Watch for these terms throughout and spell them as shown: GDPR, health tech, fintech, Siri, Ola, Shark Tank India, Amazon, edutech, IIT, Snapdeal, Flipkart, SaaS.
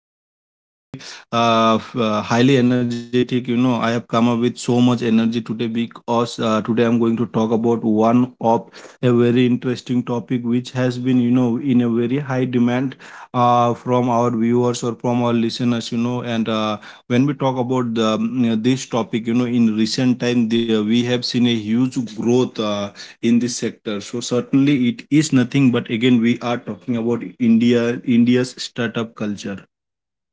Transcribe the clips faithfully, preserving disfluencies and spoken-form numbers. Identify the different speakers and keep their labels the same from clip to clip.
Speaker 1: I am really uh, f- uh, highly energetic. You know I have come up with so much energy today because uh, today I'm going to talk about one of a very interesting topic which has been you know in a very high demand uh, from our viewers or from our listeners. You know, and uh, when we talk about the, mm, this topic, you know in recent time there we have seen a huge growth Uh, in this sector. So certainly it is nothing, but again, we are talking about India, India's startup culture.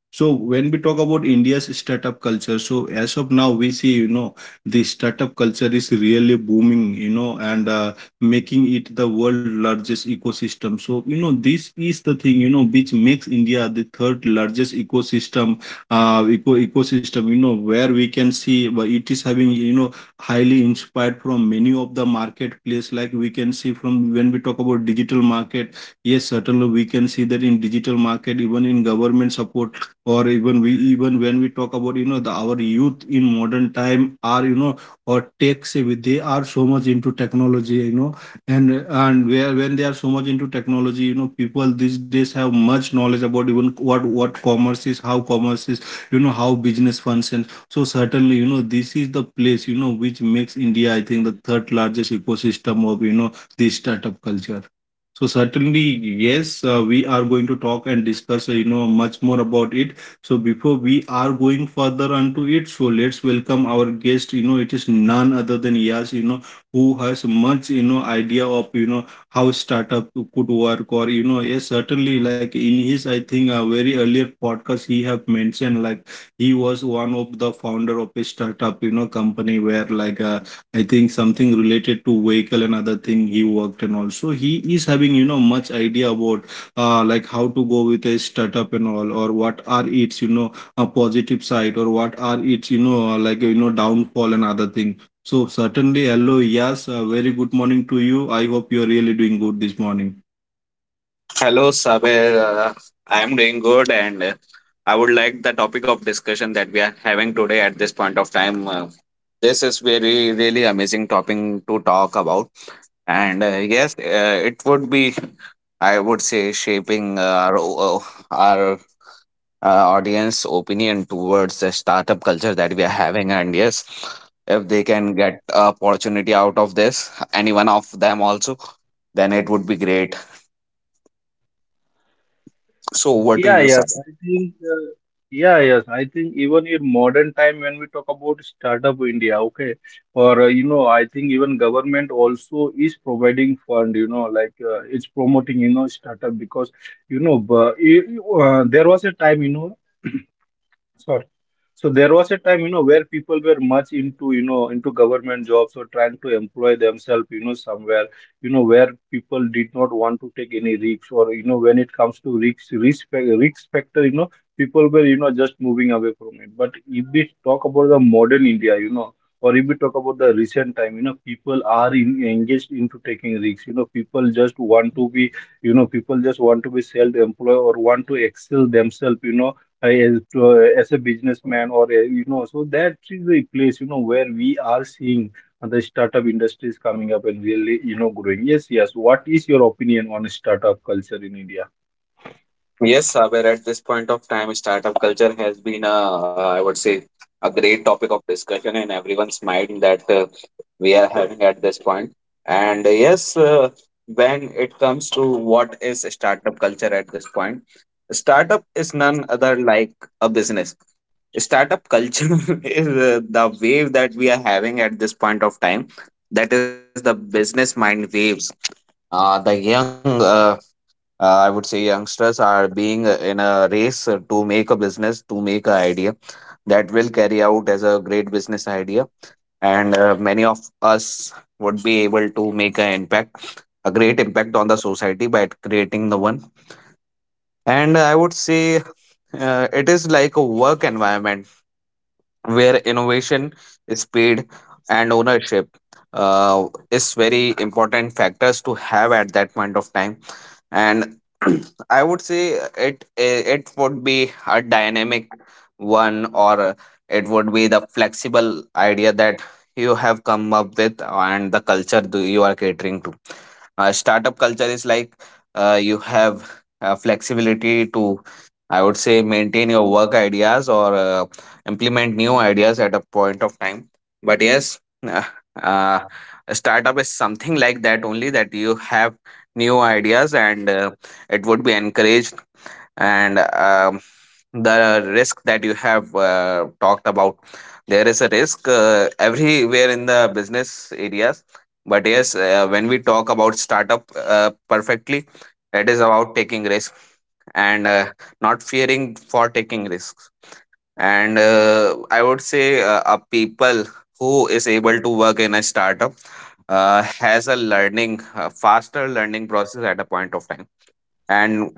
Speaker 1: So when we talk about India's startup culture, so as of now we see, you know, the startup culture is really booming, you know, and uh, making it the world largest ecosystem. So you know, this is the thing, you know, which makes India the third largest ecosystem, uh, eco ecosystem, you know, where we can see, but it is having, you know, highly inspired from many of the marketplace. Like we can see from when we talk about digital market, yes, certainly we can see that in digital market, even in government support, or even we even when we talk about, you know the our youth in modern time are, you know or tech savvy. They are so much into technology. you know and and where when they are so much into technology, you know people these days have much knowledge about even what what commerce is, how commerce is, you know how business functions. So certainly, you know this is the place, you know which makes India, I think, the third largest ecosystem of, you know this startup culture. So certainly, yes, uh, we are going to talk and discuss, uh, you know, much more about it. So before we are going further onto it, so let's welcome our guest. You know, it is none other than Yas, you know, who has much, you know, idea of, you know, how startup could work, or, you know, yes, certainly, like in his, I think, a very earlier podcast, he have mentioned like he was one of the founder of a startup, you know, company, where like uh, I think something related to vehicle and other thing he worked. And also he is having, you know, much idea about uh, like how to go with a startup and all, or what are its, you know a positive side, or what are its, you know uh, like, you know downfall and other thing. So certainly, hello yes uh, very good morning to you. I hope you're really doing good this morning.
Speaker 2: Hello, Saber. Uh, I am doing good, and uh, I would like the topic of discussion that we are having today at this point of time. Uh, this is very really amazing topic to talk about, and uh, yes, uh, it would be, I would say, shaping our o- our uh, audience opinion towards the startup culture that we are having, and yes, if they can get opportunity out of this, any one of them also, then it would be great. So, over to
Speaker 1: Yeah,
Speaker 2: you, sir?
Speaker 1: yes, I think, uh, yeah, yes, I think even in modern time when we talk about Startup India, okay, or uh, you know, I think even government also is providing fund, you know, like uh, it's promoting, you know, startup because you know, bu- you- you, uh, there was a time, you know. Sure. So there was a time, you know, where people were much into, you know, into government jobs, or trying to employ themselves, you know, somewhere, you know, where people did not want to take any risks. Or, you know, when it comes to risk, risk, fac- risk factor, you know, people were, you know, just moving away from it. But if we talk about the modern India, you know, or if we talk about the recent time, you know, people are in, engaged into taking risks. You know, people just want to be, you know, people just want to be self-employed, or want to excel themselves, you know uh, as uh, as a businessman or a, you know so that is the place, you know where we are seeing the startup industries coming up, and really, you know growing. Yes, yes, what is your opinion on startup culture in India?
Speaker 2: Yes, Saber, at this point of time, startup culture has been, a I would say, a great topic of discussion in everyone's mind that uh, we are having at this point. And uh, yes, uh, when it comes to what is startup culture at this point, startup is none other like a business. Startup culture is uh, the wave that we are having at this point of time. That is the business mind waves. Uh, the young uh, uh, I would say youngsters are being uh, in a race uh, to make a business to make an idea that will carry out as a great business idea, and uh, many of us would be able to make an impact a impact on the society by creating the one. And I would say uh, it is like a work environment where innovation, speed and ownership uh, is very important factors to have at that point of time. And I would say it it would be a dynamic one, or it would be the flexible idea that you have come up with and the culture do you are catering to. Uh, startup culture is like uh, you have uh, flexibility to, I would say, maintain your work ideas or uh, implement new ideas at a point of time. But yes, uh, uh, a startup is something like that only, that you have new ideas and uh, it would be encouraged. And um, the risk that you have uh, talked about, there is a risk uh, everywhere in the business areas. But yes, uh, when we talk about startup uh, perfectly, it is about taking risk, and uh, not fearing for taking risks. And uh, I would say uh, a people who is able to work in a startup uh, has a learning a faster learning process at a point of time. And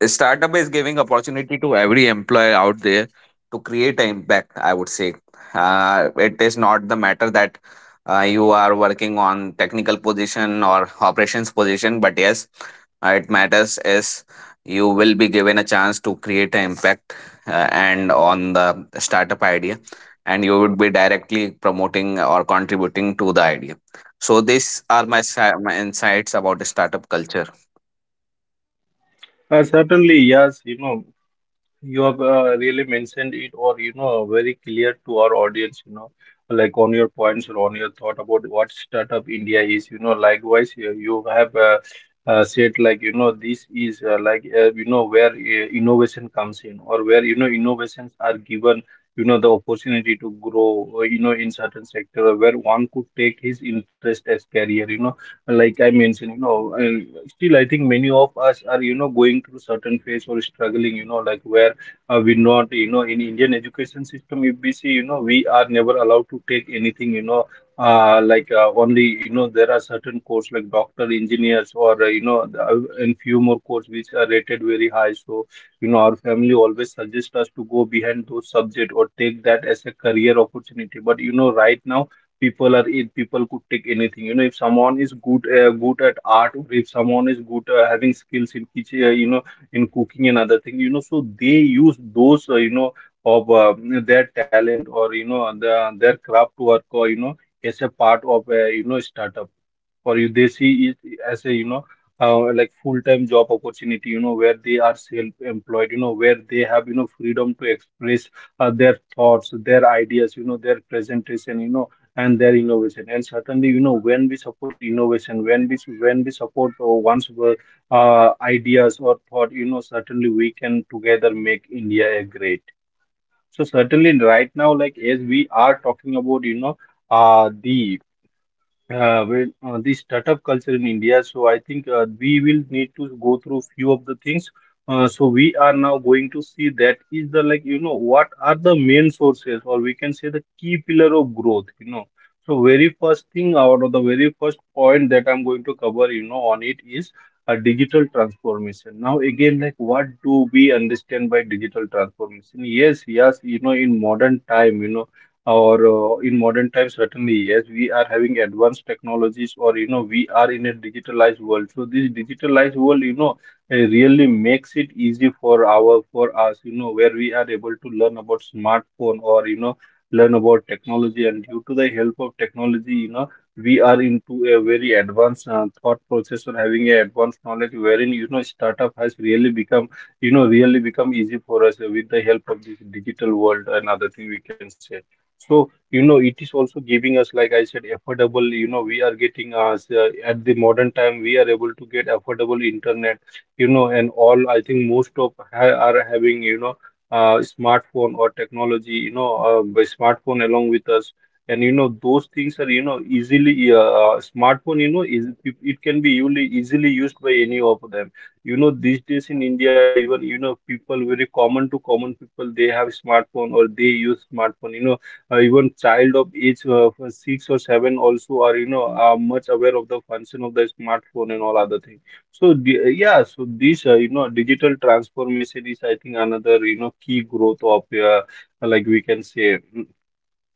Speaker 2: a startup is giving opportunity to every employer out there to create an impact. I would say uh, it is not the matter that uh, you are working on technical position or operations position. But yes, uh, it matters is you will be given a chance to create an impact, uh, and on the startup idea, and you would be directly promoting or contributing to the idea. So these are my, si- my insights about the startup culture.
Speaker 1: uh, Certainly, yes, you know you have uh, really mentioned it, or, you know, very clear to our audience. You know, like on your points or on your thought about what Startup India is. You know, likewise, you you have uh, uh, said like, you know this is uh, like uh, you know where uh, innovation comes in, or where, you know innovations are given. You know, the opportunity to grow. uh, You know, in certain sector where one could take his interest as career. You know, like I mentioned, you know, and still I think many of us are, you know going through certain phase or struggling. You know, like where, uh, we not, you know in Indian education system, if we see, you know we are never allowed to take anything, you know uh, like uh, only, you know there are certain courses like doctor, engineers, or uh, you know the, uh, and few more courses which are rated very high. So, you know our family always suggest us to go behind those subject, or take that as a career opportunity. But you know right now, people are it people could take anything, you know if someone is good, uh, good at art, or if someone is good, uh, having skills in kitchen, uh, you know in cooking and other thing, you know so they use those, uh, you know of uh, their talent, or you know the, their craft work, or you know as a part of a, you know startup, or you they see it as a, you know uh, like, full-time job opportunity, you know where they are self-employed, you know where they have, you know freedom to express uh, their thoughts, their ideas, you know their presentation, you know and their innovation. And certainly, you know when we support innovation, when we when we support uh, one's uh, ideas or thought, you know certainly we can together make India a great. So certainly, right now, like as we are talking about, you know uh the uh, well, uh, the startup culture in India. So I think, uh, we will need to go through few of the things. Uh, so we are now going to see that is the, like, you know what are the main sources, or we can say, the key pillar of growth. You know, so very first thing, or the very first point that I'm going to cover, you know on it, is a digital transformation. Now again, like, what do we understand by digital transformation? Yes, yes, you know in modern time, you know or uh, in modern times, certainly yes, we are having advanced technologies, or you know we are in a digitalized world. So this digitalized world, you know uh, really makes it easy for our for us, you know where we are able to learn about smartphone, or you know learn about technology. And due to the help of technology, you know we are into a very advanced, uh, thought process, or having a advanced knowledge, wherein, you know startup has really become, you know really become easy for us, uh, with the help of this digital world and other thing we can say. So, you know, it is also giving us, like I said, affordable, you know, we are getting us, uh, at the modern time, we are able to get affordable internet, you know, and all. I think most of ha are having, you know, uh, smartphone or technology, you know, uh, by smartphone along with us. And, you know, those things are, you know, easily, uh, uh, smartphone, you know, is it it can be easily, easily used by any of them. You know, these days in India, even, you know, people very common to common people, they have smartphone, or they use smartphone, you know uh, even child of age, uh, for six or seven also are you know are much aware of the function of the smartphone and all other things. So the- yeah, so this, uh, you know digital transformation is, I think, another, you know key growth of, uh, like, we can say,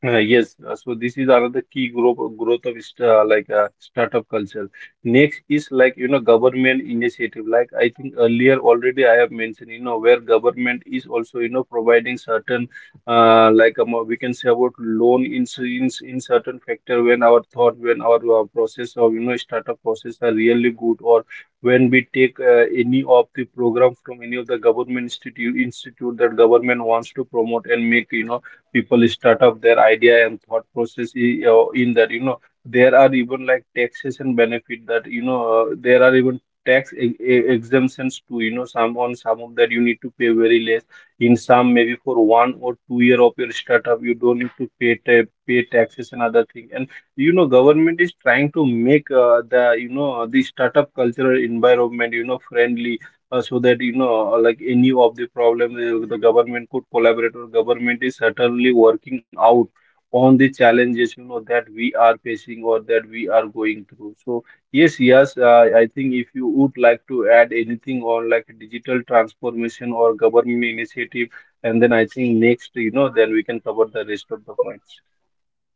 Speaker 1: uh, yes, uh, so this is another key growth growth of, st- uh, like, uh, startup culture. Next is, like, you know government initiative. Like I think earlier already, I have mentioned you know, where government is also, you know, providing certain uh, like um, we can say about loan in, s- in s- in certain factor when our thought when our uh, process of, you know, startup process are really good, or when we take uh, any of the program from any of the government institute institute that government wants to promote and make, you know, people start up their idea and thought process i- uh, in that, you know, there are even like taxation benefit that, you know, uh, there are even tax e- e- exemptions to, you know, some, on some of that you need to pay very less in some, maybe for one or two year of your startup you don't need to pay ta- pay taxes and other thing. And, you know, government is trying to make uh, the, you know, the startup cultural environment, you know, friendly, uh, so that, you know, uh, like any of the problem, uh, the government could collaborate, or government is certainly working out on the challenges, you know, that we are facing or that we are going through. So yes, yes, uh, I think if you would like to add anything on like digital transformation or government initiative, and then I think next, you know, then we can cover the rest of the points.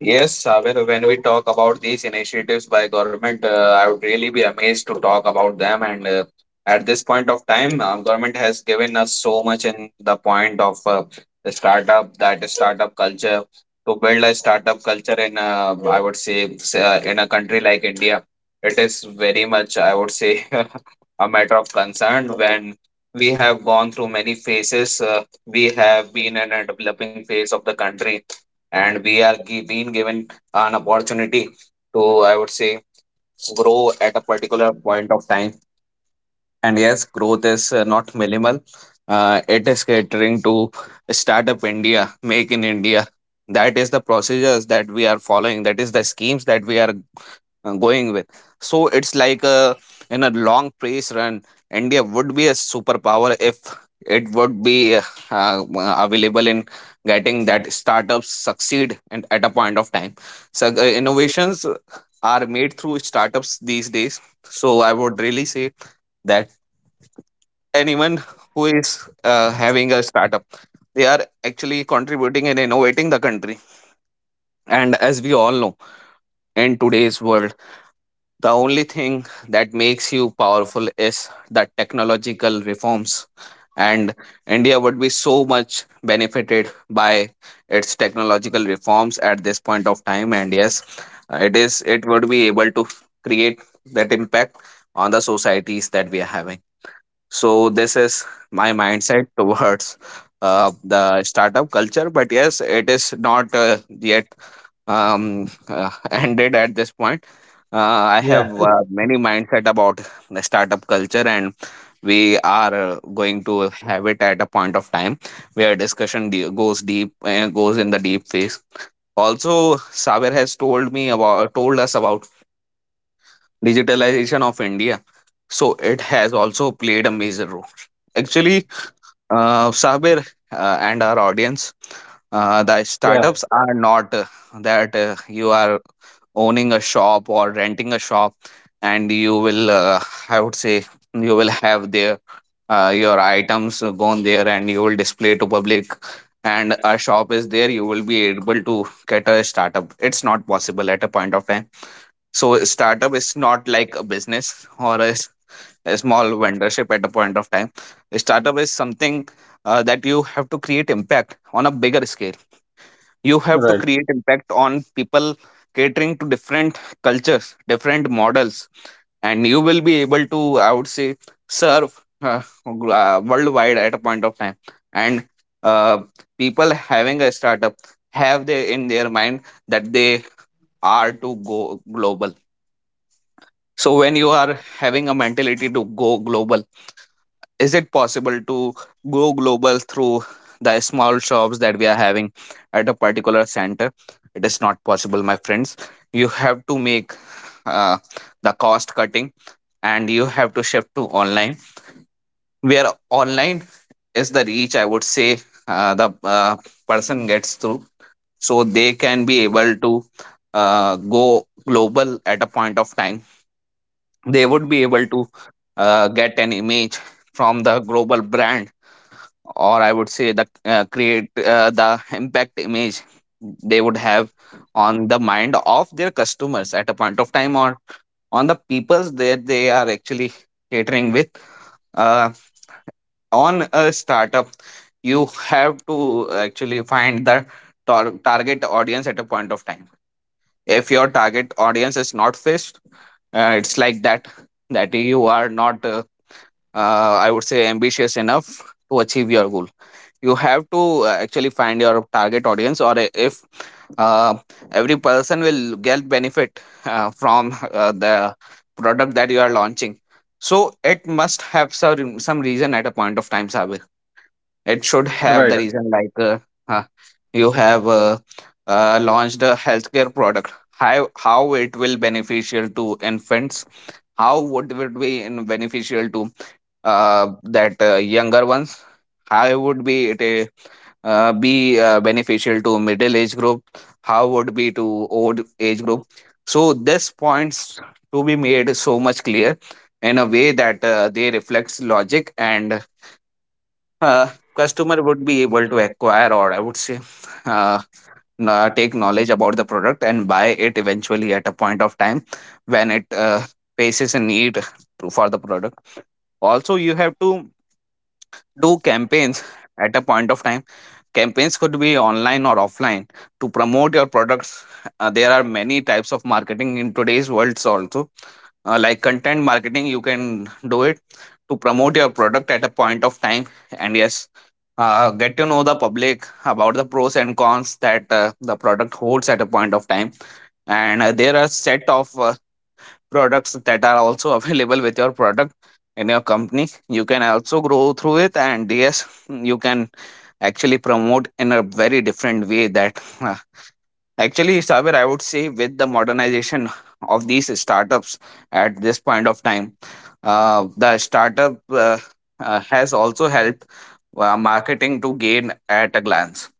Speaker 2: Yes, Saber, when we talk about these initiatives by government, uh, I would really be amazed to talk about them. And uh, at this point of time, uh, government has given us so much in the point of uh, the startup, that is startup culture, to build a startup culture in, uh, I would say, s- uh, in a country like India. It is very much, I would say, a matter of concern when we have gone through many phases. Uh, we have been in a developing phase of the country, and we are gi- being given an opportunity to, I would say, grow at a particular point of time. And yes, growth is uh, not minimal. Uh, it is catering to Startup India, Make in India. That is the procedures that we are following, that is the schemes that we are uh, going with. So it's like a, in a long race run, India would be a superpower if it would be uh, uh, available in getting that startups succeed and at a point of time. So uh, innovations are made through startups these days. So I would really say that anyone who is uh, having a startup, they are actually contributing and innovating the country. And as we all know, in today's world, the only thing that makes you powerful is the technological reforms, and India would be so much benefited by its technological reforms at this point of time. And yes, it is it would be able to create that impact on the societies that we are having. So this is my mindset towards uh, the startup culture. But yes, it is not uh, yet um, uh, ended at this point. Uh, I have
Speaker 1: Yeah,
Speaker 2: uh, many mindset about the startup culture, and we are uh, going to have it at a point of time where discussion de- goes deep, uh, goes in the deep phase. Also, Saber has told me about told us about digitalization of India, so it has also played a major role. Actually, uh, Sabir, uh, and our audience, uh, the
Speaker 1: yeah,
Speaker 2: startups are not uh, that uh, you are owning a shop or renting a shop, and you will, uh, I would say, you will have their uh, your items gone there, and you will display to public. And a shop is there, you will be able to get a startup. It's not possible at a point of time. So startup is not like a business or a a small vendorship at a point of time. A startup is something uh, that you have to create impact on a bigger scale. You have to
Speaker 1: right,
Speaker 2: create impact on people, catering to different cultures, different models, and you will be able to, I would say, serve uh, gl- uh, worldwide at a point of time. And uh, people having a startup have they in their mind that they are to go global. So when you are having a mentality to go global, is it possible to go global through the small shops that we are having at a particular center? It is not possible, my friends. You have to make uh, the cost cutting, and you have to shift to online, where online is the reach, I would say, uh, the uh, person gets through. So they can be able to uh, go global at a point of time. They would be able to uh, get an image from the global brand, or I would say the uh, create uh, the impact image they would have on the mind of their customers at a point of time, or on the peoples that they are actually catering with. uh, on a startup, you have to actually find the tar- target audience at a point of time. If your target audience is not fixed, uh, it's like that that you are not uh, uh, I would say ambitious enough to achieve your goal. You have to uh, actually find your target audience, or i- if uh, every person will get benefit uh, from uh, the product that you are launching. So it must have some some reason at a point of time, Sabir. It should have
Speaker 1: right.
Speaker 2: the reason like uh, uh, you have uh, uh, launched a healthcare product. How how it will beneficial to infants, how would it be in beneficial to uh, that uh, younger ones, how would be it a uh, be uh, beneficial to middle age group, how would be to old age group. So this points to be made so much clear in a way that uh, they reflects logic. And uh, customer would be able to acquire, or I would say, uh, kno- take knowledge about the product and buy it eventually at a point of time when it uh, faces a need to, for the product. Also, you have to do campaigns at a point of time. Campaigns could be online or offline to promote your products. Uh, there are many types of marketing in today's world, also. Uh, like content marketing, you can do it to promote your product at a point of time. And yes, uh, get to know the public about the pros and cons that uh, the product holds at a point of time, and uh, there are set of uh, products that are also available with your product in your company. You can also grow through it. And yes, you can actually promote in a very different way that actually, Sabir, I would say with the modernization of these startups at this point of time, uh, the startup uh, uh, has also helped uh, marketing to gain at a glance.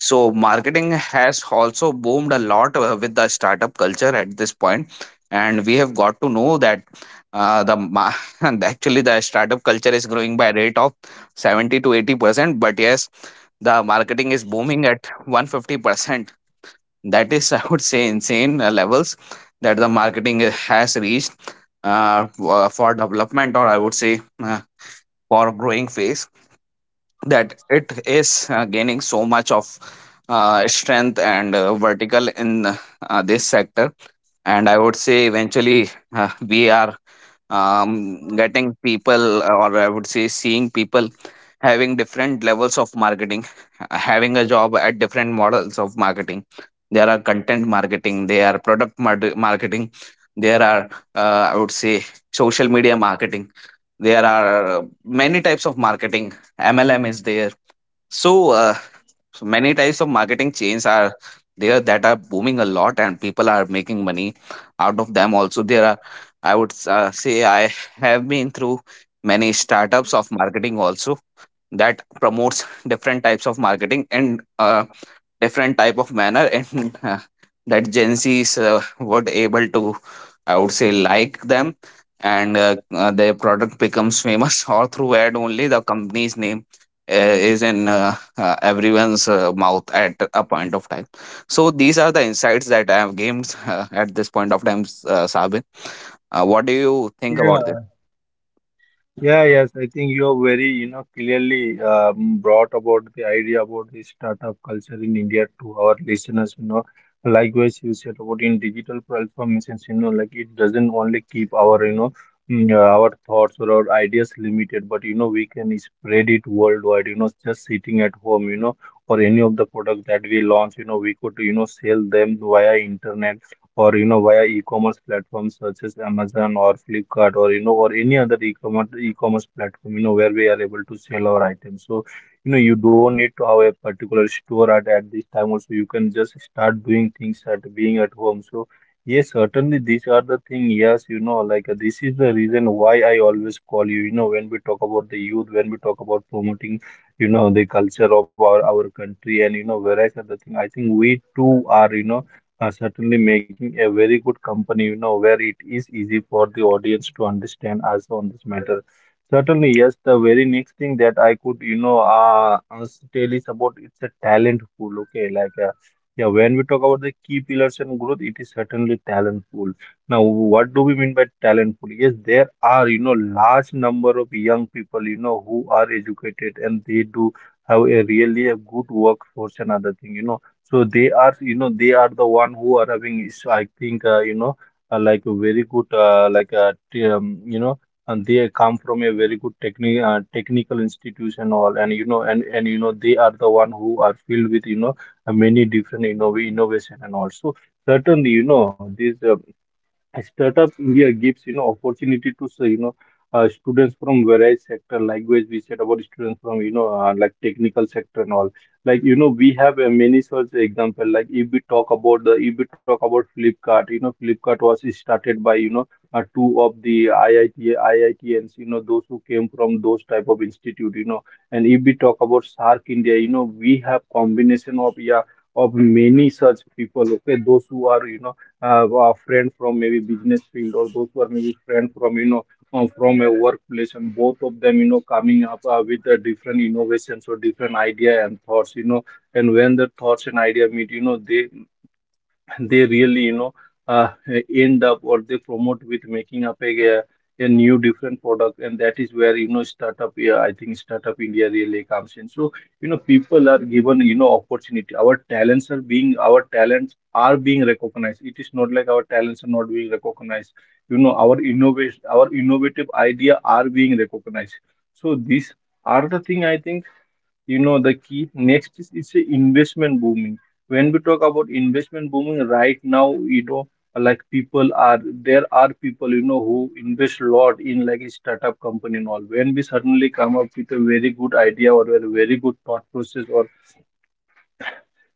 Speaker 2: So marketing has also boomed a lot uh, with the startup culture at this point, and we have got to know that uh, the ma- and actually the startup culture is growing by a rate of seventy to eighty percent. But yes, the marketing is booming at one hundred fifty percent. That is, I would say, insane uh, levels that the marketing uh, has reached uh, w- uh, for development, or I would say uh, for growing phase, that it is uh, gaining so much of uh, strength and uh, vertical in uh, this sector. And I would say eventually, uh, we are um, getting people uh, or I would say seeing people having different levels of marketing, uh, having a job at different models of marketing. There are content marketing, there are product mar- marketing, there are uh, I would say social media marketing, there are uh, many types of marketing. MLM is there. So uh, so many types of marketing chains are there that are booming a lot, and people are making money out of them. Also, there are, I would s- uh, say, I have been through many startups of marketing also that promotes different types of marketing and uh, different type of manner, and uh, that gen z's uh, were able to, I would say, like them. And uh, uh, their product becomes famous all through ad only. The company's name uh, is in uh, uh, everyone's uh, mouth at a point of time. So these are the insights that I have gained. Uh, at this point of time, uh, Sabin, uh, what do you think about this?
Speaker 1: Yeah, yeah, yes, I think you have very, you know, clearly um, brought about the idea about the startup culture in India to our listeners, you know. Likewise, you said about in digital transformations, you know, like it doesn't only keep our, you know, mm, uh, our thoughts or our ideas limited, but, you know, we can spread it worldwide, you know, just sitting at home, you know, or any of the product that we launch, you know, we could, you know, sell them via internet, or you know, via e-commerce platforms such as Amazon or Flipkart, or you know, or any other e-commerce e-commerce platform, you know, where we are able to sell our items. So you know, you don't need to have a particular store at, at this time also, you can just start doing things at being at home. So yes, certainly these are the thing. Yes, you know, like uh, this is the reason why I always call you, you know, when we talk about the youth, when we talk about promoting, you know, the culture of our our country, and you know, whereas other thing, I think we too are, you know, are certainly making a very good company, you know, where it is easy for the audience to understand us on this matter. Certainly, yes, the very next thing that I could, you know, uh, uh, tell is about it's a talent pool, okay? Like, uh, yeah, when we talk about the key pillars and growth, it is certainly talent pool. Now, what do we mean by talent pool? Yes, there are, you know, large number of young people, you know, who are educated and they do have a really a good workforce and other thing, you know. So they are, you know, they are the one who are having, is- I think, uh, you know, uh, like a very good, uh, like, uh, t- um, you know, and they come from a very good techni uh, technical institution all, and you know, and and you know, they are the one who are filled with, you know, uh, many different, you know, innovation, and also certainly, you know, this. Uh, a Startup India gives, you know, opportunity to say, you know, uh, students from various sector. Likewise, we said about students from, you know, uh, like technical sector and all. Like you know, we have uh, many such example. Like if we talk about the, if we talk about Flipkart, you know, Flipkart was started by, you know, uh, two of the I I T I I T ians. You know, those who came from those type of institute. You know, and if we talk about Sark India, you know, we have combination of, yeah, of many such people. Okay, those who are, you know, uh, a friend from maybe business field, or those who are maybe friend from, you know, uh, from a workplace, and both of them, you know, coming up uh, with uh, different innovations or different idea and thoughts, you know. And when the thoughts and idea meet, you know, they they really, you know, uh, end up, or they promote with making up a, a new different product. And that is where, you know, startup, yeah, I think Startup India really comes in. So you know, people are given, you know, opportunity. Our talents are being our talents are being recognized. It is not like our talents are not being recognized. You know, our innovation, our innovative idea are being recognized. So these are the thing, I think, you know, the key next is it's a investment booming. When we talk about investment booming right now, you know, like people are, there are people, you know, who invest a lot in like a startup company and all, when we suddenly come up with a very good idea or a very good thought process, or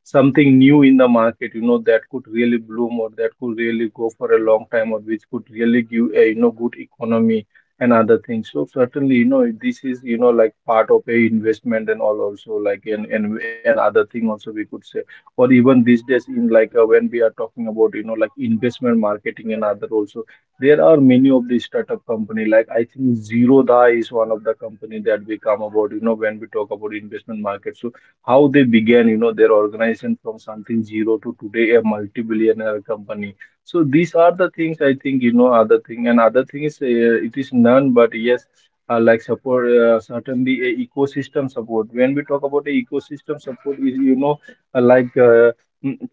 Speaker 1: something new in the market, you know, that could really bloom, or that could really go for a long time, or which could really give a, you know, good economy and other things. So certainly, you know, this is, you know, like part of a investment and all also, like and and, and other thing also we could say. Or even these days in like, uh, when we are talking about, you know, like investment marketing and other also, there are many of these startup company. Like I think Zero Da is one of the company that we come about, you know, when we talk about investment market. So how they began, you know, their organization from something zero to today a multi-billionaire company. So these are the things, I think, you know, other thing, and other thing is uh, it is none but yes, uh, like support, uh, certainly a ecosystem support. When we talk about a ecosystem support, is you know, uh, like. Uh, mm,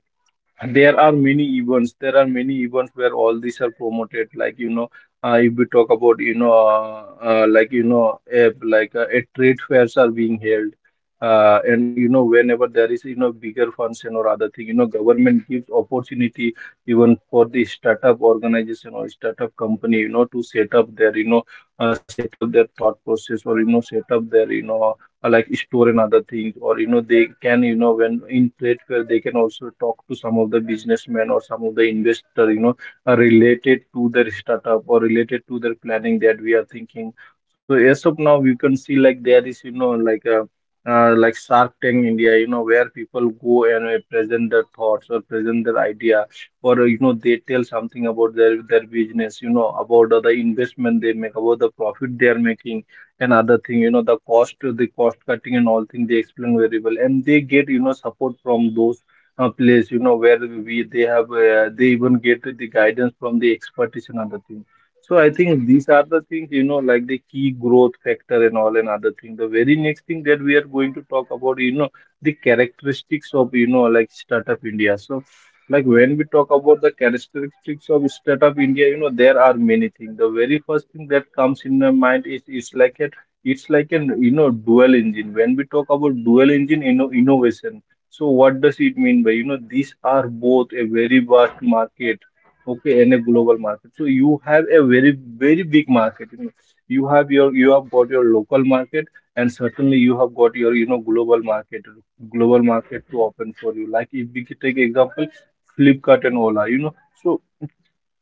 Speaker 1: there are many events. There are many events where all these are promoted. Like you know, uh, if we talk about, you know, uh, uh, like you know, if, like uh, a trade fairs are being held, uh, and you know, whenever there is, you know, bigger function or other thing, you know, government gives opportunity even for the startup organization or startup company, you know, to set up their, you know, uh, set up their thought process, or you know, set up their, you know, uh, like store and other things, or you know, they can, you know, when in platform, they can also talk to some of the businessmen or some of the investor, you know, uh, related to their startup or related to their planning that we are thinking. So as of now, we can see like there is, you know, like a, uh, like Shark Tank India, you know, where people go and uh, present their thoughts or present their idea, or uh, you know, they tell something about their their business, you know, about uh, the investment they make, about the profit they are making, and other thing, you know, the cost the cost cutting and all thing, they explain very well. And they get, you know, support from those uh, place, you know, where we they have uh, they even get the guidance from the expertise and other thing. So I think these are the things, you know, like the key growth factor and all, and other thing, the very next thing that we are going to talk about, you know, the characteristics of, you know, like Startup India. So like when we talk about the characteristics of Startup India, you know, there are many things. The very first thing that comes in my mind is it's like a, it's like an, you know, dual engine. When we talk about dual engine, you know, innovation, so what does it mean by, you know, these are both a very vast market, okay, and a global market. So you have a very, very big market. You know, you have your, you have got your local market, and certainly you have got your, you know, global market global market to open for you. Like if we could take example, Flipkart and Ola, you know. So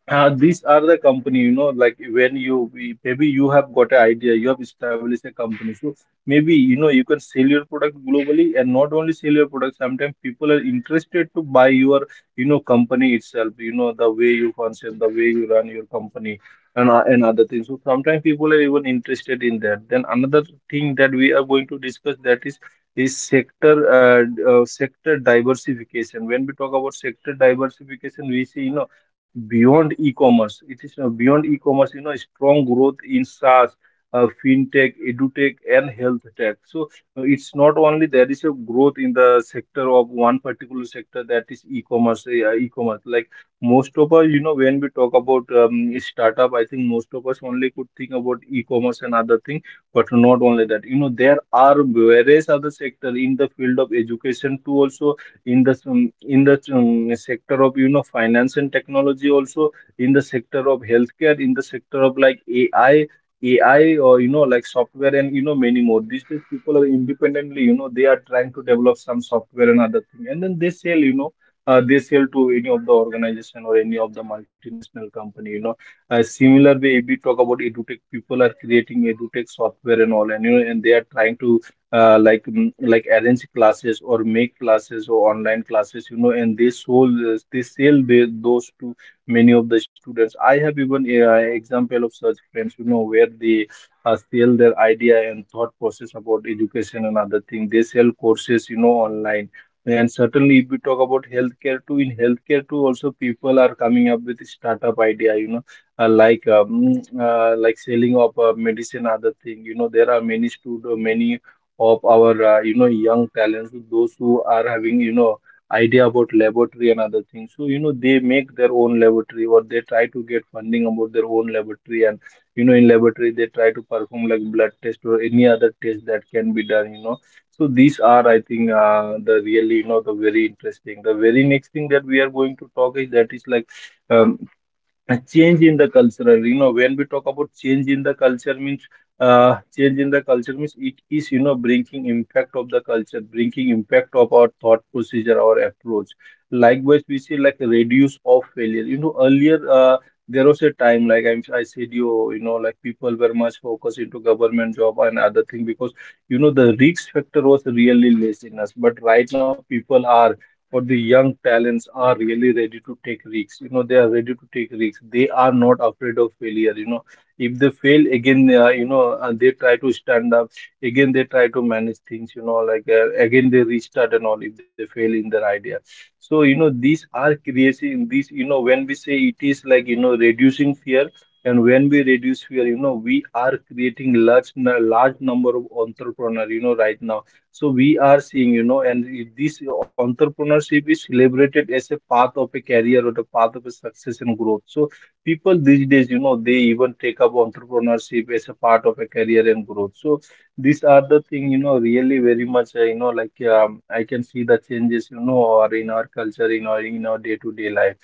Speaker 1: uh, these are the company, you know, like when you we- maybe you have got an idea, you have established a company. So maybe, you know, you can sell your product
Speaker 2: Yeah,
Speaker 1: globally,
Speaker 2: I
Speaker 1: and
Speaker 2: would
Speaker 1: not
Speaker 2: really
Speaker 1: only sell
Speaker 2: say,
Speaker 1: your product,
Speaker 2: Saber,
Speaker 1: sometimes
Speaker 2: you
Speaker 1: people are
Speaker 2: have uh,
Speaker 1: interested to
Speaker 2: glanced
Speaker 1: buy
Speaker 2: uh, a
Speaker 1: your,
Speaker 2: very
Speaker 1: you know,
Speaker 2: good…
Speaker 1: company itself, you know, the way you function, the way you run your company and, uh, and other things. So sometimes people are even interested in that. Then another thing that we are going to discuss that is is sector uh, d- uh, sector diversification. When we talk about sector diversification, we see, you know, beyond e-commerce. It is uh, beyond e-commerce, you know, strong growth in SaaS, uh, fintech, edutech, and health tech. So uh, it's not only there is a growth in the sector of one particular sector that is e-commerce. Uh, yeah, e-commerce, like most of us, you know, when we talk about um, startup, I think most of us only could think about e-commerce and other thing, but not only that. You know, there are various other sector in the field of education too, also in the um, in the um, sector of you know finance and technology, also in the sector of healthcare, in the sector of like ai ai or you know like software, and you know many more. These days people are independently, you know they are trying to develop some software and other thing, and then they sell you know uh, they sell to any of the organization or any of the multinational company. You know uh, similar way, if we talk about edutech, people are creating edutech software and all, and you know and they are trying to uh, like mm, like arrange classes or make classes or online classes, you know and they sold this- they sell the, those to many of the students. I have even, uh, example of such friends, you know where they uh, sell their idea and thought process about education and other thing. They sell courses, you know online. And certainly if we talk about healthcare too in healthcare too also, people are coming up with startup idea, you know uh, like um, uh, like selling of uh, medicine, other thing. You know there are many students, many of our uh, you know young talents, those who are having, you know idea about laboratory and other things. So you know they make their own laboratory, or they try to get funding about their own laboratory. And you know in laboratory they try to perform like blood test or any other test that can be done you know So these are, I think, uh, the really, you know the very interesting — the very next thing that we are going to talk is that is like, um, a change in the culture. You know when we talk about change in the culture means, uh, change in the culture means it is, you know bringing impact of the culture, bringing impact of our thought procedure, our approach. Likewise we see like reduce of failure. You know earlier, uh, there was a time like I'm, I said you you know like people were much focused into government job and other thing, because you know the risk factor was really less in us. But right now people are — or the young talents are really ready to take risks. You know, they are ready to take risks. They are not afraid of failure. You know, if they fail again, uh, you know, uh, they try to stand up again. They try to manage things. You know, like uh, again they restart and all if they fail in their idea. So you know, these are creating these. You know, when we say it is like, you know reducing fear. And when we reduce fear, you know, we are creating large — n- large number of entrepreneurs. You know, right now, so we are seeing, you know, and i- this entrepreneurship is celebrated as a path of a career or the path of a success and growth. So people these days, you know, they even take up entrepreneurship as a part of a career and growth. So these are the thing, you know, really very much, uh, you know, like um, I can see the changes, you know, or in our culture, in our in our day to day life.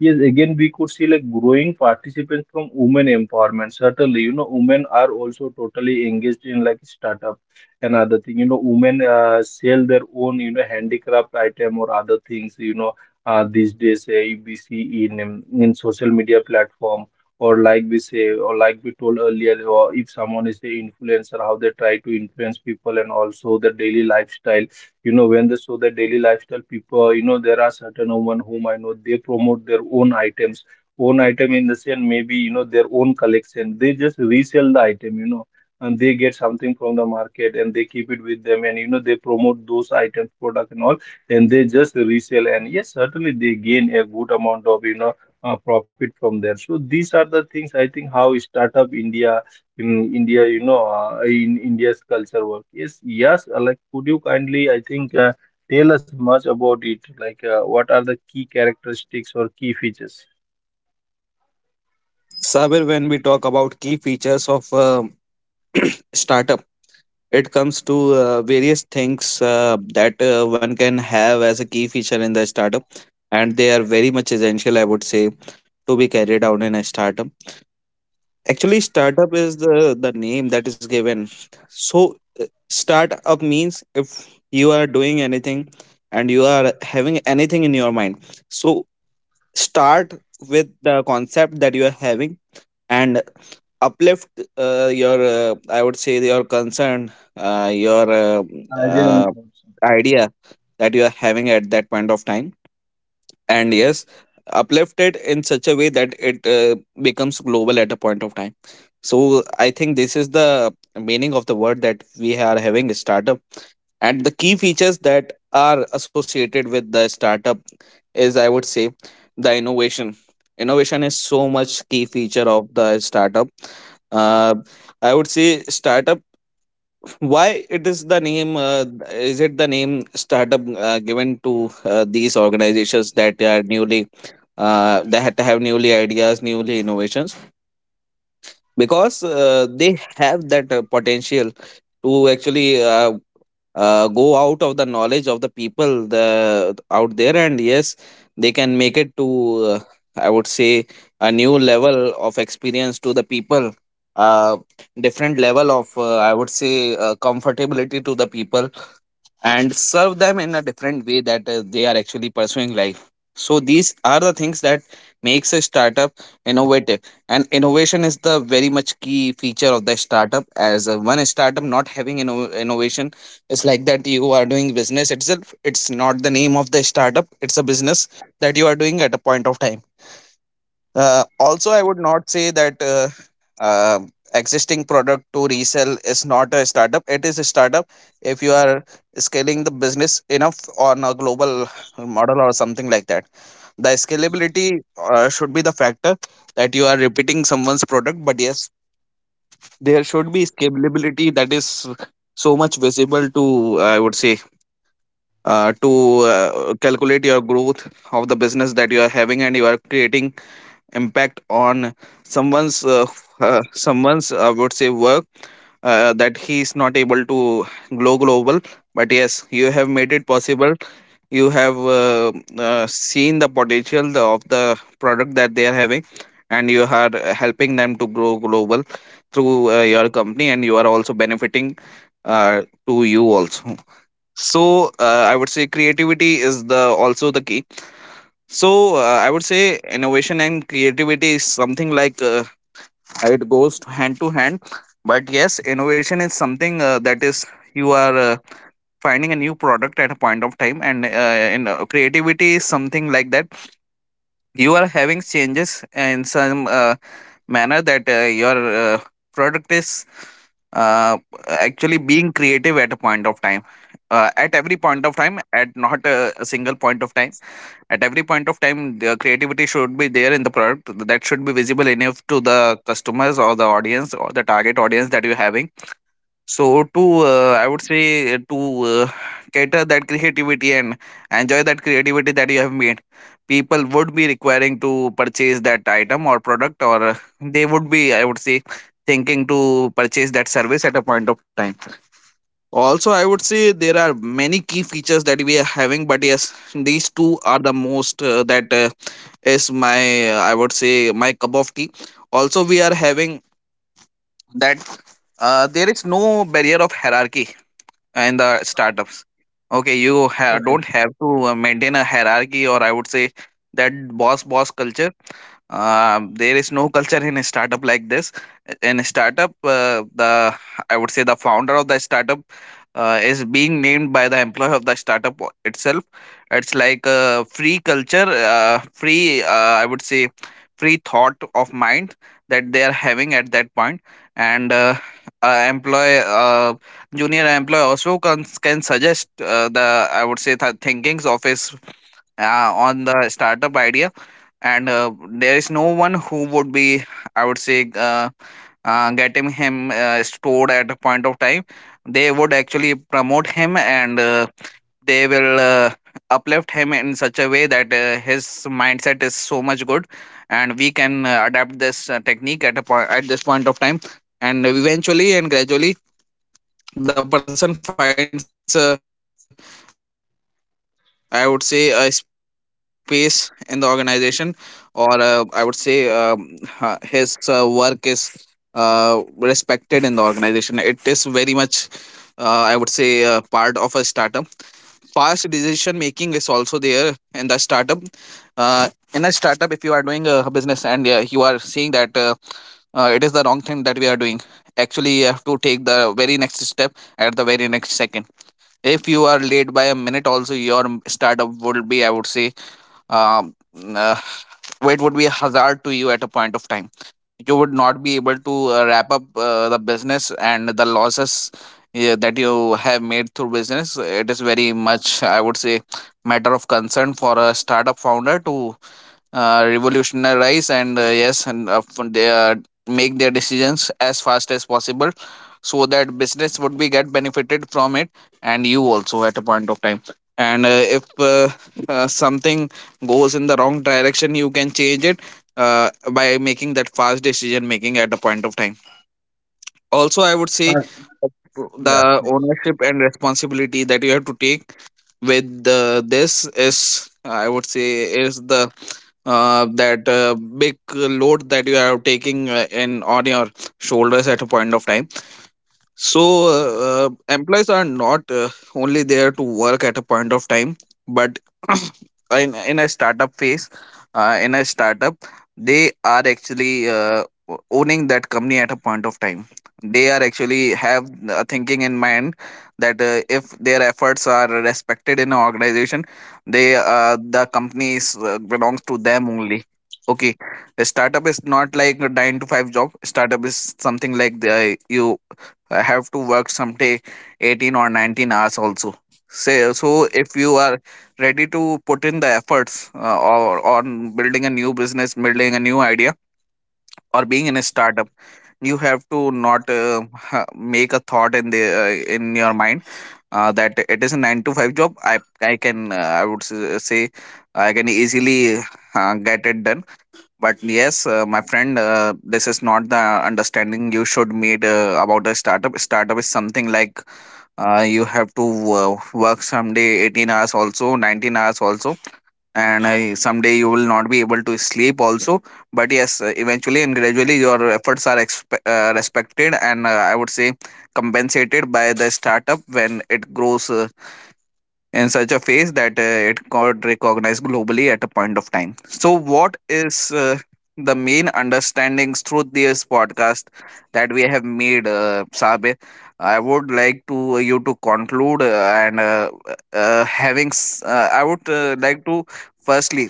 Speaker 1: Yes, again, we could see like growing participants from women empowerment. Certainly, you know, women are also totally engaged in like startup and other thing. You know, women uh, sell their own, you know, handicraft item or other things. You know, uh, these days uh, if we see in um, in social media platform, or like we say, or like we told earlier, or if someone is the influencer, how they try to influence people and also their daily lifestyle. You know when they show their daily lifestyle, people, you know there are certain women whom I know they promote their own items — own item in the sense, maybe you know their own collection — they just resell the item you know And they get something from the market and they keep it with them, and you know they promote those items product and all, and they just resell. And yes, certainly they gain a good amount of, you know uh, profit from there. So these are the things, I think, how Startup India in India, you know, uh, in India's culture work. Yes, yes. uh, Like, could you kindly, I think, uh, tell us much about it? Like, uh, what are the key characteristics or key features?
Speaker 2: Sabir, when we talk about key features of um startup, it comes to uh, various things uh, that uh, one can have as a key feature in the startup, and they are very much essential, I would say, to be carried out in a startup. Actually, startup is the the name that is given. So, uh, startup means if you are doing anything and you are having anything in your mind. So, start with the concept that you are having and uplift uh, your uh, I would say your concern, uh, your uh,
Speaker 1: Idea and
Speaker 2: uh,
Speaker 1: thoughts.
Speaker 2: idea that you are having at that point of time. And yes, uplifted in such a way that it uh, becomes global at a point of time. So I think this is the meaning of the word that we are having, startup. And the key features that are associated with the startup is, I would say, the innovation. Innovation is so much key feature of the startup. uh, I would say startup, why it is the name, uh, is it the name startup uh, given to uh, these organizations that are newly, uh, that have newly ideas, newly innovations, because uh, they have that uh, potential to actually uh, uh, go out of the knowledge of the people, the, out there. And yes, they can make it to uh, I would say a new level of experience to the people, uh, different level of uh, I would say uh, comfortability to the people, and serve them in a different way that uh, they are actually pursuing life. So these are the things that makes a startup innovative. And innovation is the very much key feature of the startup, as uh, one startup not having inno- innovation is like that you are doing business itself. It's not the name of the startup, it's a business that you are doing at a point of time. Uh, also, I would not say that uh, um existing product to resell is not a startup. It is a startup if you are scaling the business enough on a global model or something like that. The scalability uh, should be the factor that you are repeating someone's product, but yes, there should be scalability that is so much visible to, I would say, uh, to uh, calculate your growth of the business that you are having. And you are creating impact on someone's uh, uh, someone's I would say work, uh, that he is not able to go global, but yes, you have made it possible. You have uh, uh, seen the potential the- of the product that they are having, and you are uh, helping them to grow global through uh, your company, and you are also benefiting uh, to you also. So uh, I would say creativity is the also the key. So uh, I would say innovation and creativity is something like uh, it goes hand to hand. But yes, innovation is something uh, that is you are uh, finding a new product at a point of time, and uh, in, uh, creativity is something like that. You are having changes in some uh, manner that uh, your uh, product is uh, actually being creative at a point of time. Uh, at every point of time, at not uh, a single point of time, at every point of time the creativity should be there in the product, that should be visible enough to the customers or the audience or the target audience that you're having. So to uh, I would say uh, to uh, cater that creativity and enjoy that creativity that you have made, people would be requiring to purchase that item or product, or uh, they would be, I would say, thinking to purchase that service at a point of time. Also, I would say there are many key features that we are having, but yes, these two are the most uh, that uh, is my, uh, I would say, my cup of tea. Also we are having that uh, there is no barrier of hierarchy and the startups. Okay, you ha- don't have to uh, maintain a hierarchy, or I would say that boss boss culture. Um, there is no culture in a startup like this. In a startup, uh, the, I would say, the founder of the startup uh, is being named by the employee of the startup o- itself. It's like a free culture, uh, free, uh, I would say, free thought of mind that they are having at that point. And uh, uh, employee, uh, junior employee also can, can suggest uh, the, I would say, th- thinkings of his uh, on the startup idea. And uh, there is no one who would be, I would say, uh, uh, getting him uh, stored at a point of time. They would actually promote him, and uh, they will uh, uplift him in such a way that uh, his mindset is so much good. And we can uh, adapt this uh, technique at a point, at this point of time. And eventually and gradually the person finds a, I would say, a space in the organization, or uh, I would say um, ha- his uh, work is uh, respected in the organization. It is very much uh, I would say uh, part of a startup. Fast decision making is also there in the startup. uh, in a startup, if you are doing uh, a business and uh, you are seeing that uh, uh, it is the wrong thing that we are doing, actually you have to take the very next step at the very next second. If you are late by a minute also, your m- startup would be, I would say, um, uh, it would be a hazard to you at a point of time. You would not be able to uh, wrap up uh, the business and the losses uh, that you have made through business. It is very much, I would say, matter of concern for a startup founder to uh, revolutionize, and uh, yes and uh, they, uh, make their decisions as fast as possible so that business would be get benefited from it, and you also at a point of time. And uh, if uh, uh, something goes in the wrong direction, you can change it uh, by making that fast decision making at a point of time. Also, I would
Speaker 1: Ah,
Speaker 2: say
Speaker 1: yeah,
Speaker 2: the
Speaker 1: it's
Speaker 2: ownership and responsibility that you have to take with, uh, this is, I would say, is the uh, that uh, big load that you are taking uh, in on your shoulders at a point of time. So, uh, uh, employees are not uh, only there to work at a point of time, but in, in a startup phase, uh, in a startup, they are actually uh, o- owning that company at a point of time. They are actually have a thinking in mind that uh, if their efforts are respected in an organization, they uh, the company is, uh, belongs to them only. Okay, a startup is not like a nine to five job. Startup is something like the you, I have to work someday eighteen or nineteen hours also. Say, so if you are ready to put in the efforts uh, or on building a new business, building a new idea, or being in a startup, you have to not uh, ha- make a thought in the uh, in your mind uh, that it is a nine to five job. I I can uh, I would s- uh, say I can easily uh, get it done. But yes, uh, my friend, uh, this is not the understanding you should meet uh, about a startup. Startup is something like uh, you have to uh, work someday eighteen hours also, nineteen hours also. And uh, someday you will not be able to sleep also. But yes, uh, eventually and gradually your efforts are expe- uh, respected, and uh, I would say compensated by the startup when it grows uh, in such a phase that uh, it got recognized globally at a point of time. So, what is uh, the main understandings through this podcast that we have made, uh, Sabe? I would like to, uh, you to conclude, uh, and uh, uh, having. s- Uh, I would uh, like to firstly.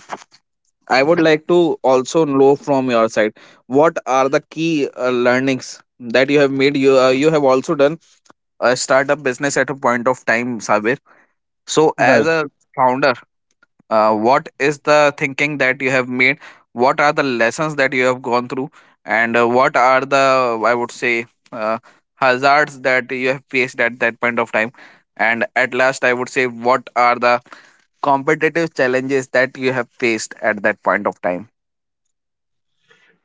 Speaker 2: I would like to also know from your side what are the key uh, learnings that you have made. You uh, you have also done a startup business at a point of time, Sabir. So as
Speaker 1: right.
Speaker 2: a founder, uh, what is the thinking that you have made, what are the lessons that you have gone through, and uh, what are the, I would say, uh, hazards that you have faced at that point of time, and at last I would say what are the competitive challenges that you have faced at that point of time?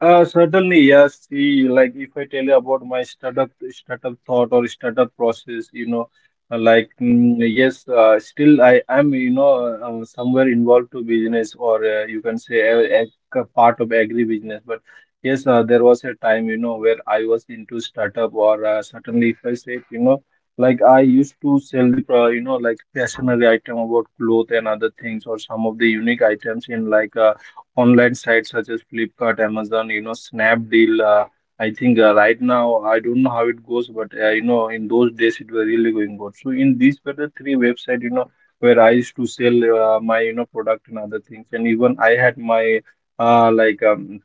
Speaker 1: Uh, certainly, yes. See, like if I tell you about my startup startup thought or startup process, you know, uh, like mm, yes, uh, still I am, you know, uh, uh, somewhere involved to business, or uh, you can say a, a part of agri business. But yes, uh, there was a time, you know, where I was into startup. Or uh, certainly if I say, you know, like I used to sell the, pro- you know, like fashionary item about cloth and other things, or some of the unique items in like. Uh, online sites such as Flipkart, Amazon, you know, Snapdeal. Uh, I think uh, right now I don't know how it goes, but uh, you know, in those days it was really going good. So in these were the three websites, you know, where I used to sell uh, my you know product and other things. And even I had my, uh, like um,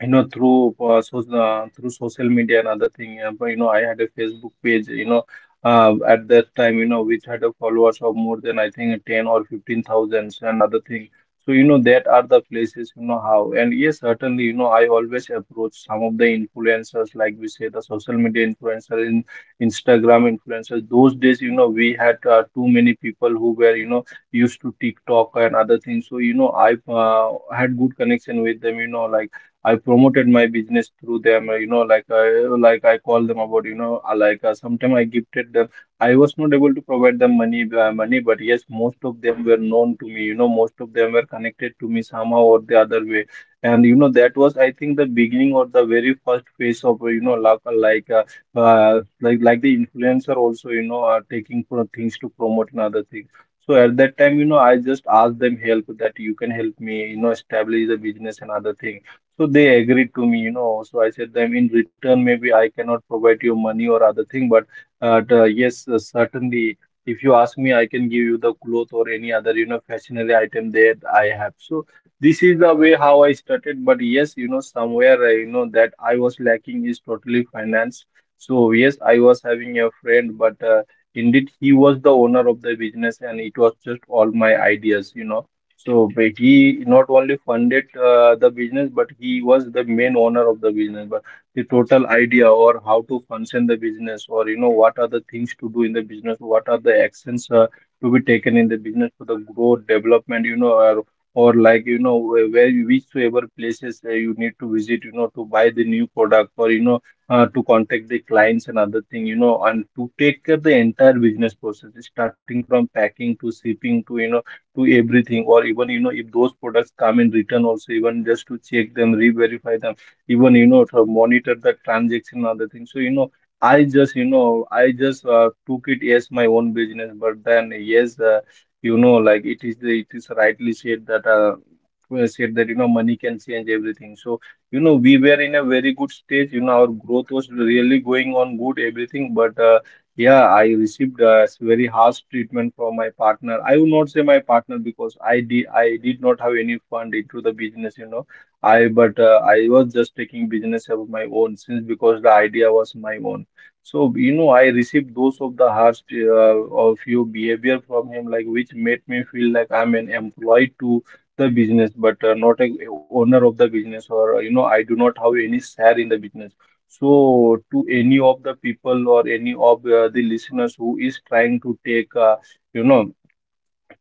Speaker 1: you know through uh, so, uh, through social media and other thing, uh, but you know I had a Facebook page, you know uh, at that time, you know which had a followers of more than I think ten or fifteen thousands and other thing. So you know that are the places, you know how. And yes, certainly, you know I always approach some of the influencers, like we say, the social media influencers, in Instagram influencers those days. You know we had uh, too many people who were, you know used to TikTok and other things. So you know I uh, had good connection with them, you know like I promoted my business through them. uh, You know, like I like I call them about. You know, uh, like uh, sometimes I gifted them. I was not able to provide them money, uh, money, but yes, most of them were known to me. You know, most of them were connected to me somehow or the other way. And you know, that was, I think, the beginning, or the very first phase of uh, you know like like uh, uh, like like the influencer also. You know, are taking pro- things to promote and other things. So at that time, you know, I just asked them help that you can help me, you know, establish the business and other thing. So they agreed to me, you know. So I said them in return, maybe I cannot provide you money or other thing, but uh, the- yes, uh, certainly, if you ask me, I can give you the cloth or any other, you know, fashionable item that I have. So this is the way how I started. But yes, you know, somewhere, uh, you know, that I was lacking is totally finance. So yes, I was having a friend, but uh, indeed he was the owner of the business, and it was just all my ideas, you know. So but he not only funded uh, the business, but he was the main owner of the business. But the total idea, or how to function the business, or you know what are the things to do in the business, what are the actions uh, to be taken in the business for the growth, development, you know, or, or like, you know where — where you- whichsoever places uh, you need to visit, you know, to buy the new product, or you know uh, to contact the clients and other thing, you know, and to take care the entire business process, starting from packing to shipping to you know to everything, or even you know if those products come in return also, even just to check them, re-verify them, even you know to monitor the transaction and other things. So you know i just you know i just uh, took it as my own business. But then yes, uh, you know like it is the it is rightly said that, uh, well said, that you know money can change everything. So you know we were in a very good stage, you know our growth was really going on good, everything, but uh, yeah, I received a very harsh treatment from my partner. I would not say my partner because I did I did not have any fund into the business, you know. I but uh, I was just taking business of my own since because the idea was my own. So you know, I received those of the harsh uh, of your behavior from him, like which made me feel like I'm an employee to the business, but uh, not a owner of the business, or uh, you know, I do not have any share in the business. So, to any of the people or any of uh, the listeners who is trying to take, uh, you know,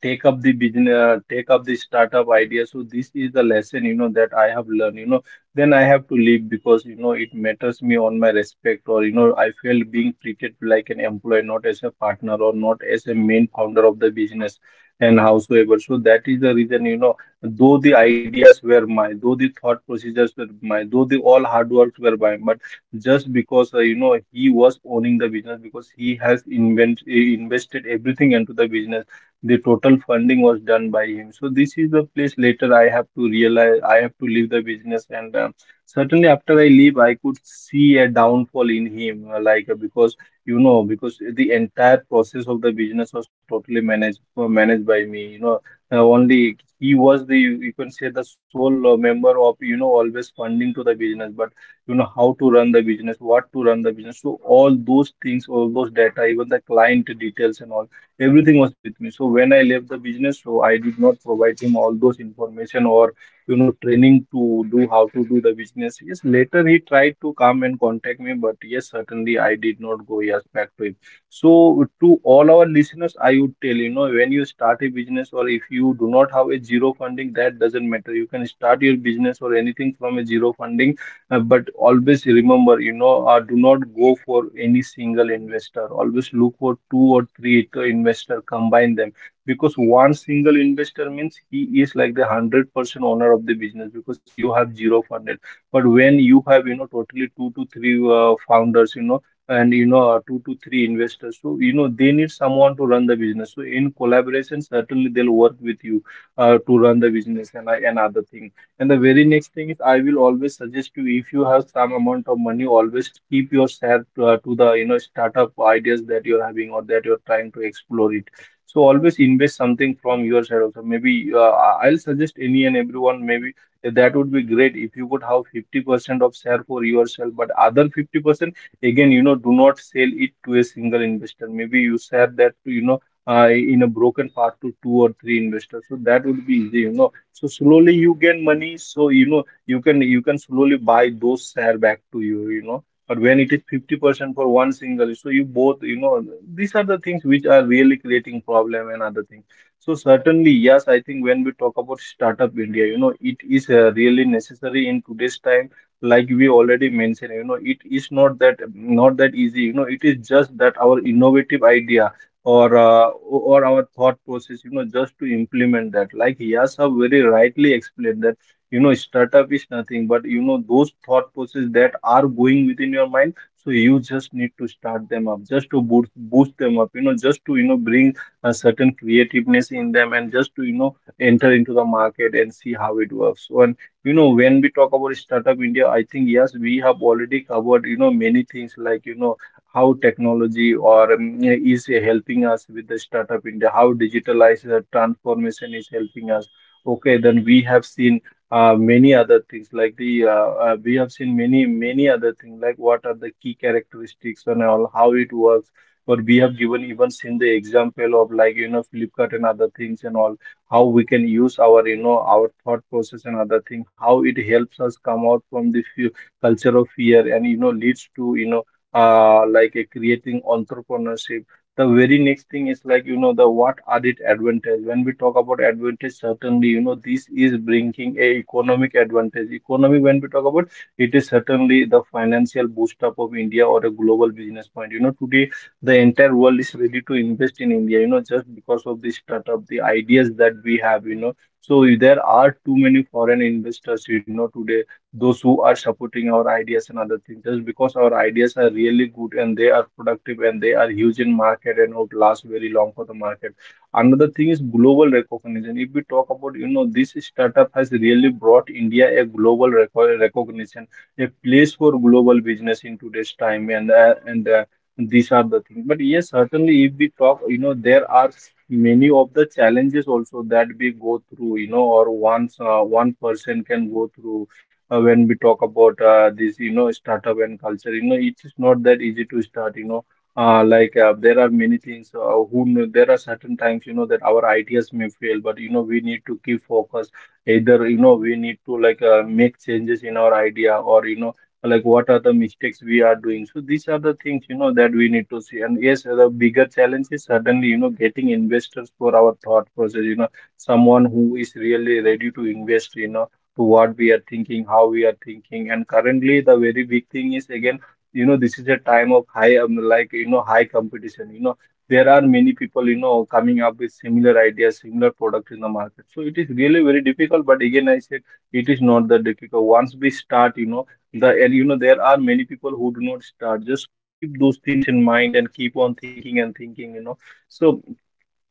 Speaker 1: take up the business uh, take up the startup idea, so this is the lesson, you know, that I have learned, you know. Then I have to leave because, you know, it matters me on my respect, or you know I felt being treated like an employee, not as a partner or not as a main founder of the business. And howsoever, so that is the reason, you know, though the ideas were mine, though the thought procedures were mine, though the all hard works were mine, but just because uh, you know, he was owning the business because he has invent, invested everything into the business. The total funding was done by him, so this is the place later I have to realize I have to leave the business. And um, certainly after I leave, I could see a downfall in him, uh, like uh, because you know, because the entire process of the business was totally managed uh, managed by me, you know, uh, only. He was, the you can say, the sole uh, member of, you know, always funding to the business. But you know how to run the business, what to run the business, so all those things, all those data, even the client details and all, everything was with me. So when I left the business, so I did not provide him all those information or, you know, training to do how to do the business. Yes, later he tried to come and contact me, but yes, certainly I did not go, yes, back to him. So to all our listeners, I would tell, you know, when you start a business, or if you do not have a zero funding, that doesn't matter, you can start your business or anything from a zero funding. Uh, but always remember, you know, uh, do not go for any single investor. Always look for two or three to investor, combine them. Because one single investor means he is like the one hundred percent owner of the business because you have zero funded. But when you have, you know, totally two to three uh, founders, you know, and, you know, uh, two to three investors, so, you know, they need someone to run the business. So in collaboration, certainly they'll work with you uh, to run the business and, and other things. And the very next thing is, I will always suggest you, if you have some amount of money, always keep your share to, uh, to the, you know, startup ideas that you're having or that you're trying to explore it. So always invest something from your side also. Maybe uh, I'll suggest any and everyone. Maybe that would be great if you could have fifty percent of share for yourself, but other fifty percent again, you know, do not sell it to a single investor. Maybe you share that to, you know, uh, in a broken part to two or three investors. So that would be easy, you know, so slowly you gain money, so you know you can you can slowly buy those share back to you, you know. But when it is fifty percent for one single, so you both, you know, these are the things which are really creating problem and other things. So certainly, yes, I think when we talk about Startup India, you know, it is uh, really necessary in today's time. Like we already mentioned, you know, it is not that not that easy. You know, it is just that our innovative idea or uh, or our thought process, you know, just to implement that, like Yas have very rightly explained that, you know, startup is nothing but, you know, those thought process that are going within your mind. So you just need to start them up, just to boost boost them up, you know, just to, you know, bring a certain creativeness in them, and just to, you know, enter into the market and see how it works. So and, you know, when we talk about Startup India, I think, yes, we have already covered, you know, many things, like, you know, how technology or um, is helping us with the Startup India, how digitalized the transformation is helping us. Okay, then we have seen uh, many other things like the uh, uh, we have seen many many other things like what are the key characteristics and all how it works. But we have given even seen the example of, like, you know, Flipkart and other things and all, how we can use our, you know, our thought process and other thing, how it helps us come out from the few culture of fear, and you know, leads to, you know, uh, like a creating entrepreneurship. The very next thing is like, you know, the what are it advantage? When we talk about advantage, certainly, you know, this is bringing a economic advantage. Economy, when we talk about, it is certainly the financial boost up of India or a global business point. You know, today the entire world is ready to invest in India, you know, just because of the startup, the ideas that we have, you know. So there are too many foreign investors, you know, today, those who are supporting our ideas and other things, just because our ideas are really good, and they are productive, and they are huge in market, and would last very long for the market. Another thing is global recognition. If we talk about, you know, this startup has really brought India a global reco- recognition, a place for global business in today's time. And uh, and uh, These are the things, but yes, certainly if we talk, you know, there are many of the challenges also that we go through, you know, or once uh, one person can go through. Uh, when we talk about uh, this, you know, startup and culture, you know, it is not that easy to start, you know, uh, like uh, there are many things uh, who kn- there are certain times, you know, that our ideas may fail, but you know we need to keep focus. Either, you know, we need to, like, uh, make changes in our idea, or, you know, like what are the mistakes we are doing. So these are the things, you know, that we need to see. And yes, the bigger challenge is certainly, you know, getting investors for our thought process, you know, someone who is really ready to invest, you know, to what we are thinking, how we are thinking. And currently, the very big thing is again, you know, this is a time of high, um, like, you know, high competition. You know, there are many people, you know, coming up with similar ideas, similar products in the market. So it is really very difficult. But again, I said, it is not that difficult. Once we start, you know, the and you know there are many people who do not start. Just keep those things in mind and keep on thinking and thinking. You know, so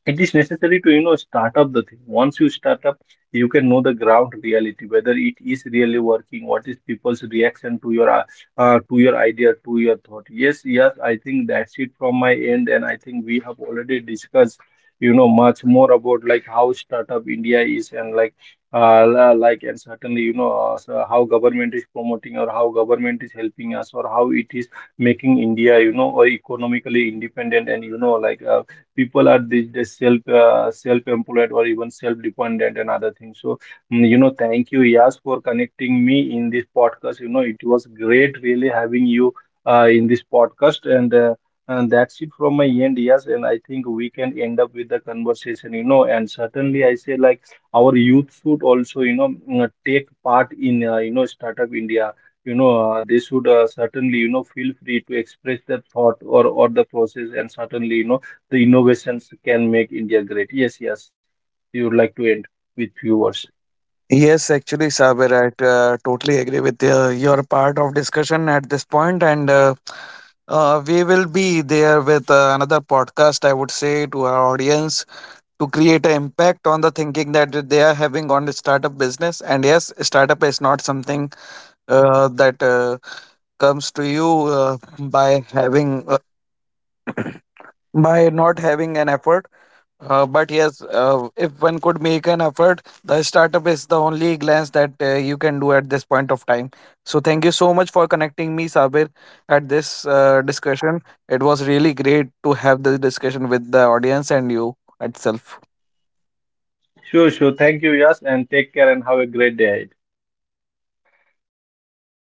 Speaker 1: it is necessary to, you know, start up the thing. Once you start up, you can know the ground reality, whether it is really working, what is people's reaction to your uh, uh, to your idea, to your thought. Yes, yes, I think that's it from my end. And I think we have already discussed, you know, much more about like how Startup India is, and like, uh, la- like, and certainly, you know, uh, so how government is promoting, or how government is helping us, or how it is making India, you know, or economically independent, and you know, like, uh, people are these days self uh, self-employed or even self-dependent and other things. So mm, you know, thank you, Yas, for connecting me in this podcast. You know, it was great really having you uh, in this podcast, and uh, and that's it from my end, yes. And I think we can end up with the conversation. You know, and certainly I say, like, our youth should also, you know, mm, take part in, uh, you know, Startup India, you know, uh, they should, uh, certainly, you know, feel free to express their thought, or or the process, and certainly, you know, the innovations can make India great. Yes, yes. You would like to end with few words.
Speaker 2: Yes, actually, Saber, I uh, totally agree with uh, your part of discussion at this point, and uh, uh, we will be there with uh, another podcast. I would say to our audience to create an impact on the thinking that they are having on the startup business. And yes, startup is not something uh, that uh, comes to you uh, by having uh, by not having an effort uh, but yes, uh, if one could make an effort, the startup is the only glance that uh, you can do at this point of time. So thank you so much for connecting me, Sabir, at this uh, discussion. It was really great to have this discussion with the audience and you itself.
Speaker 1: Sure, sure. Thank you, Yas, and take care and have a great day.
Speaker 2: Thank you, Sabir.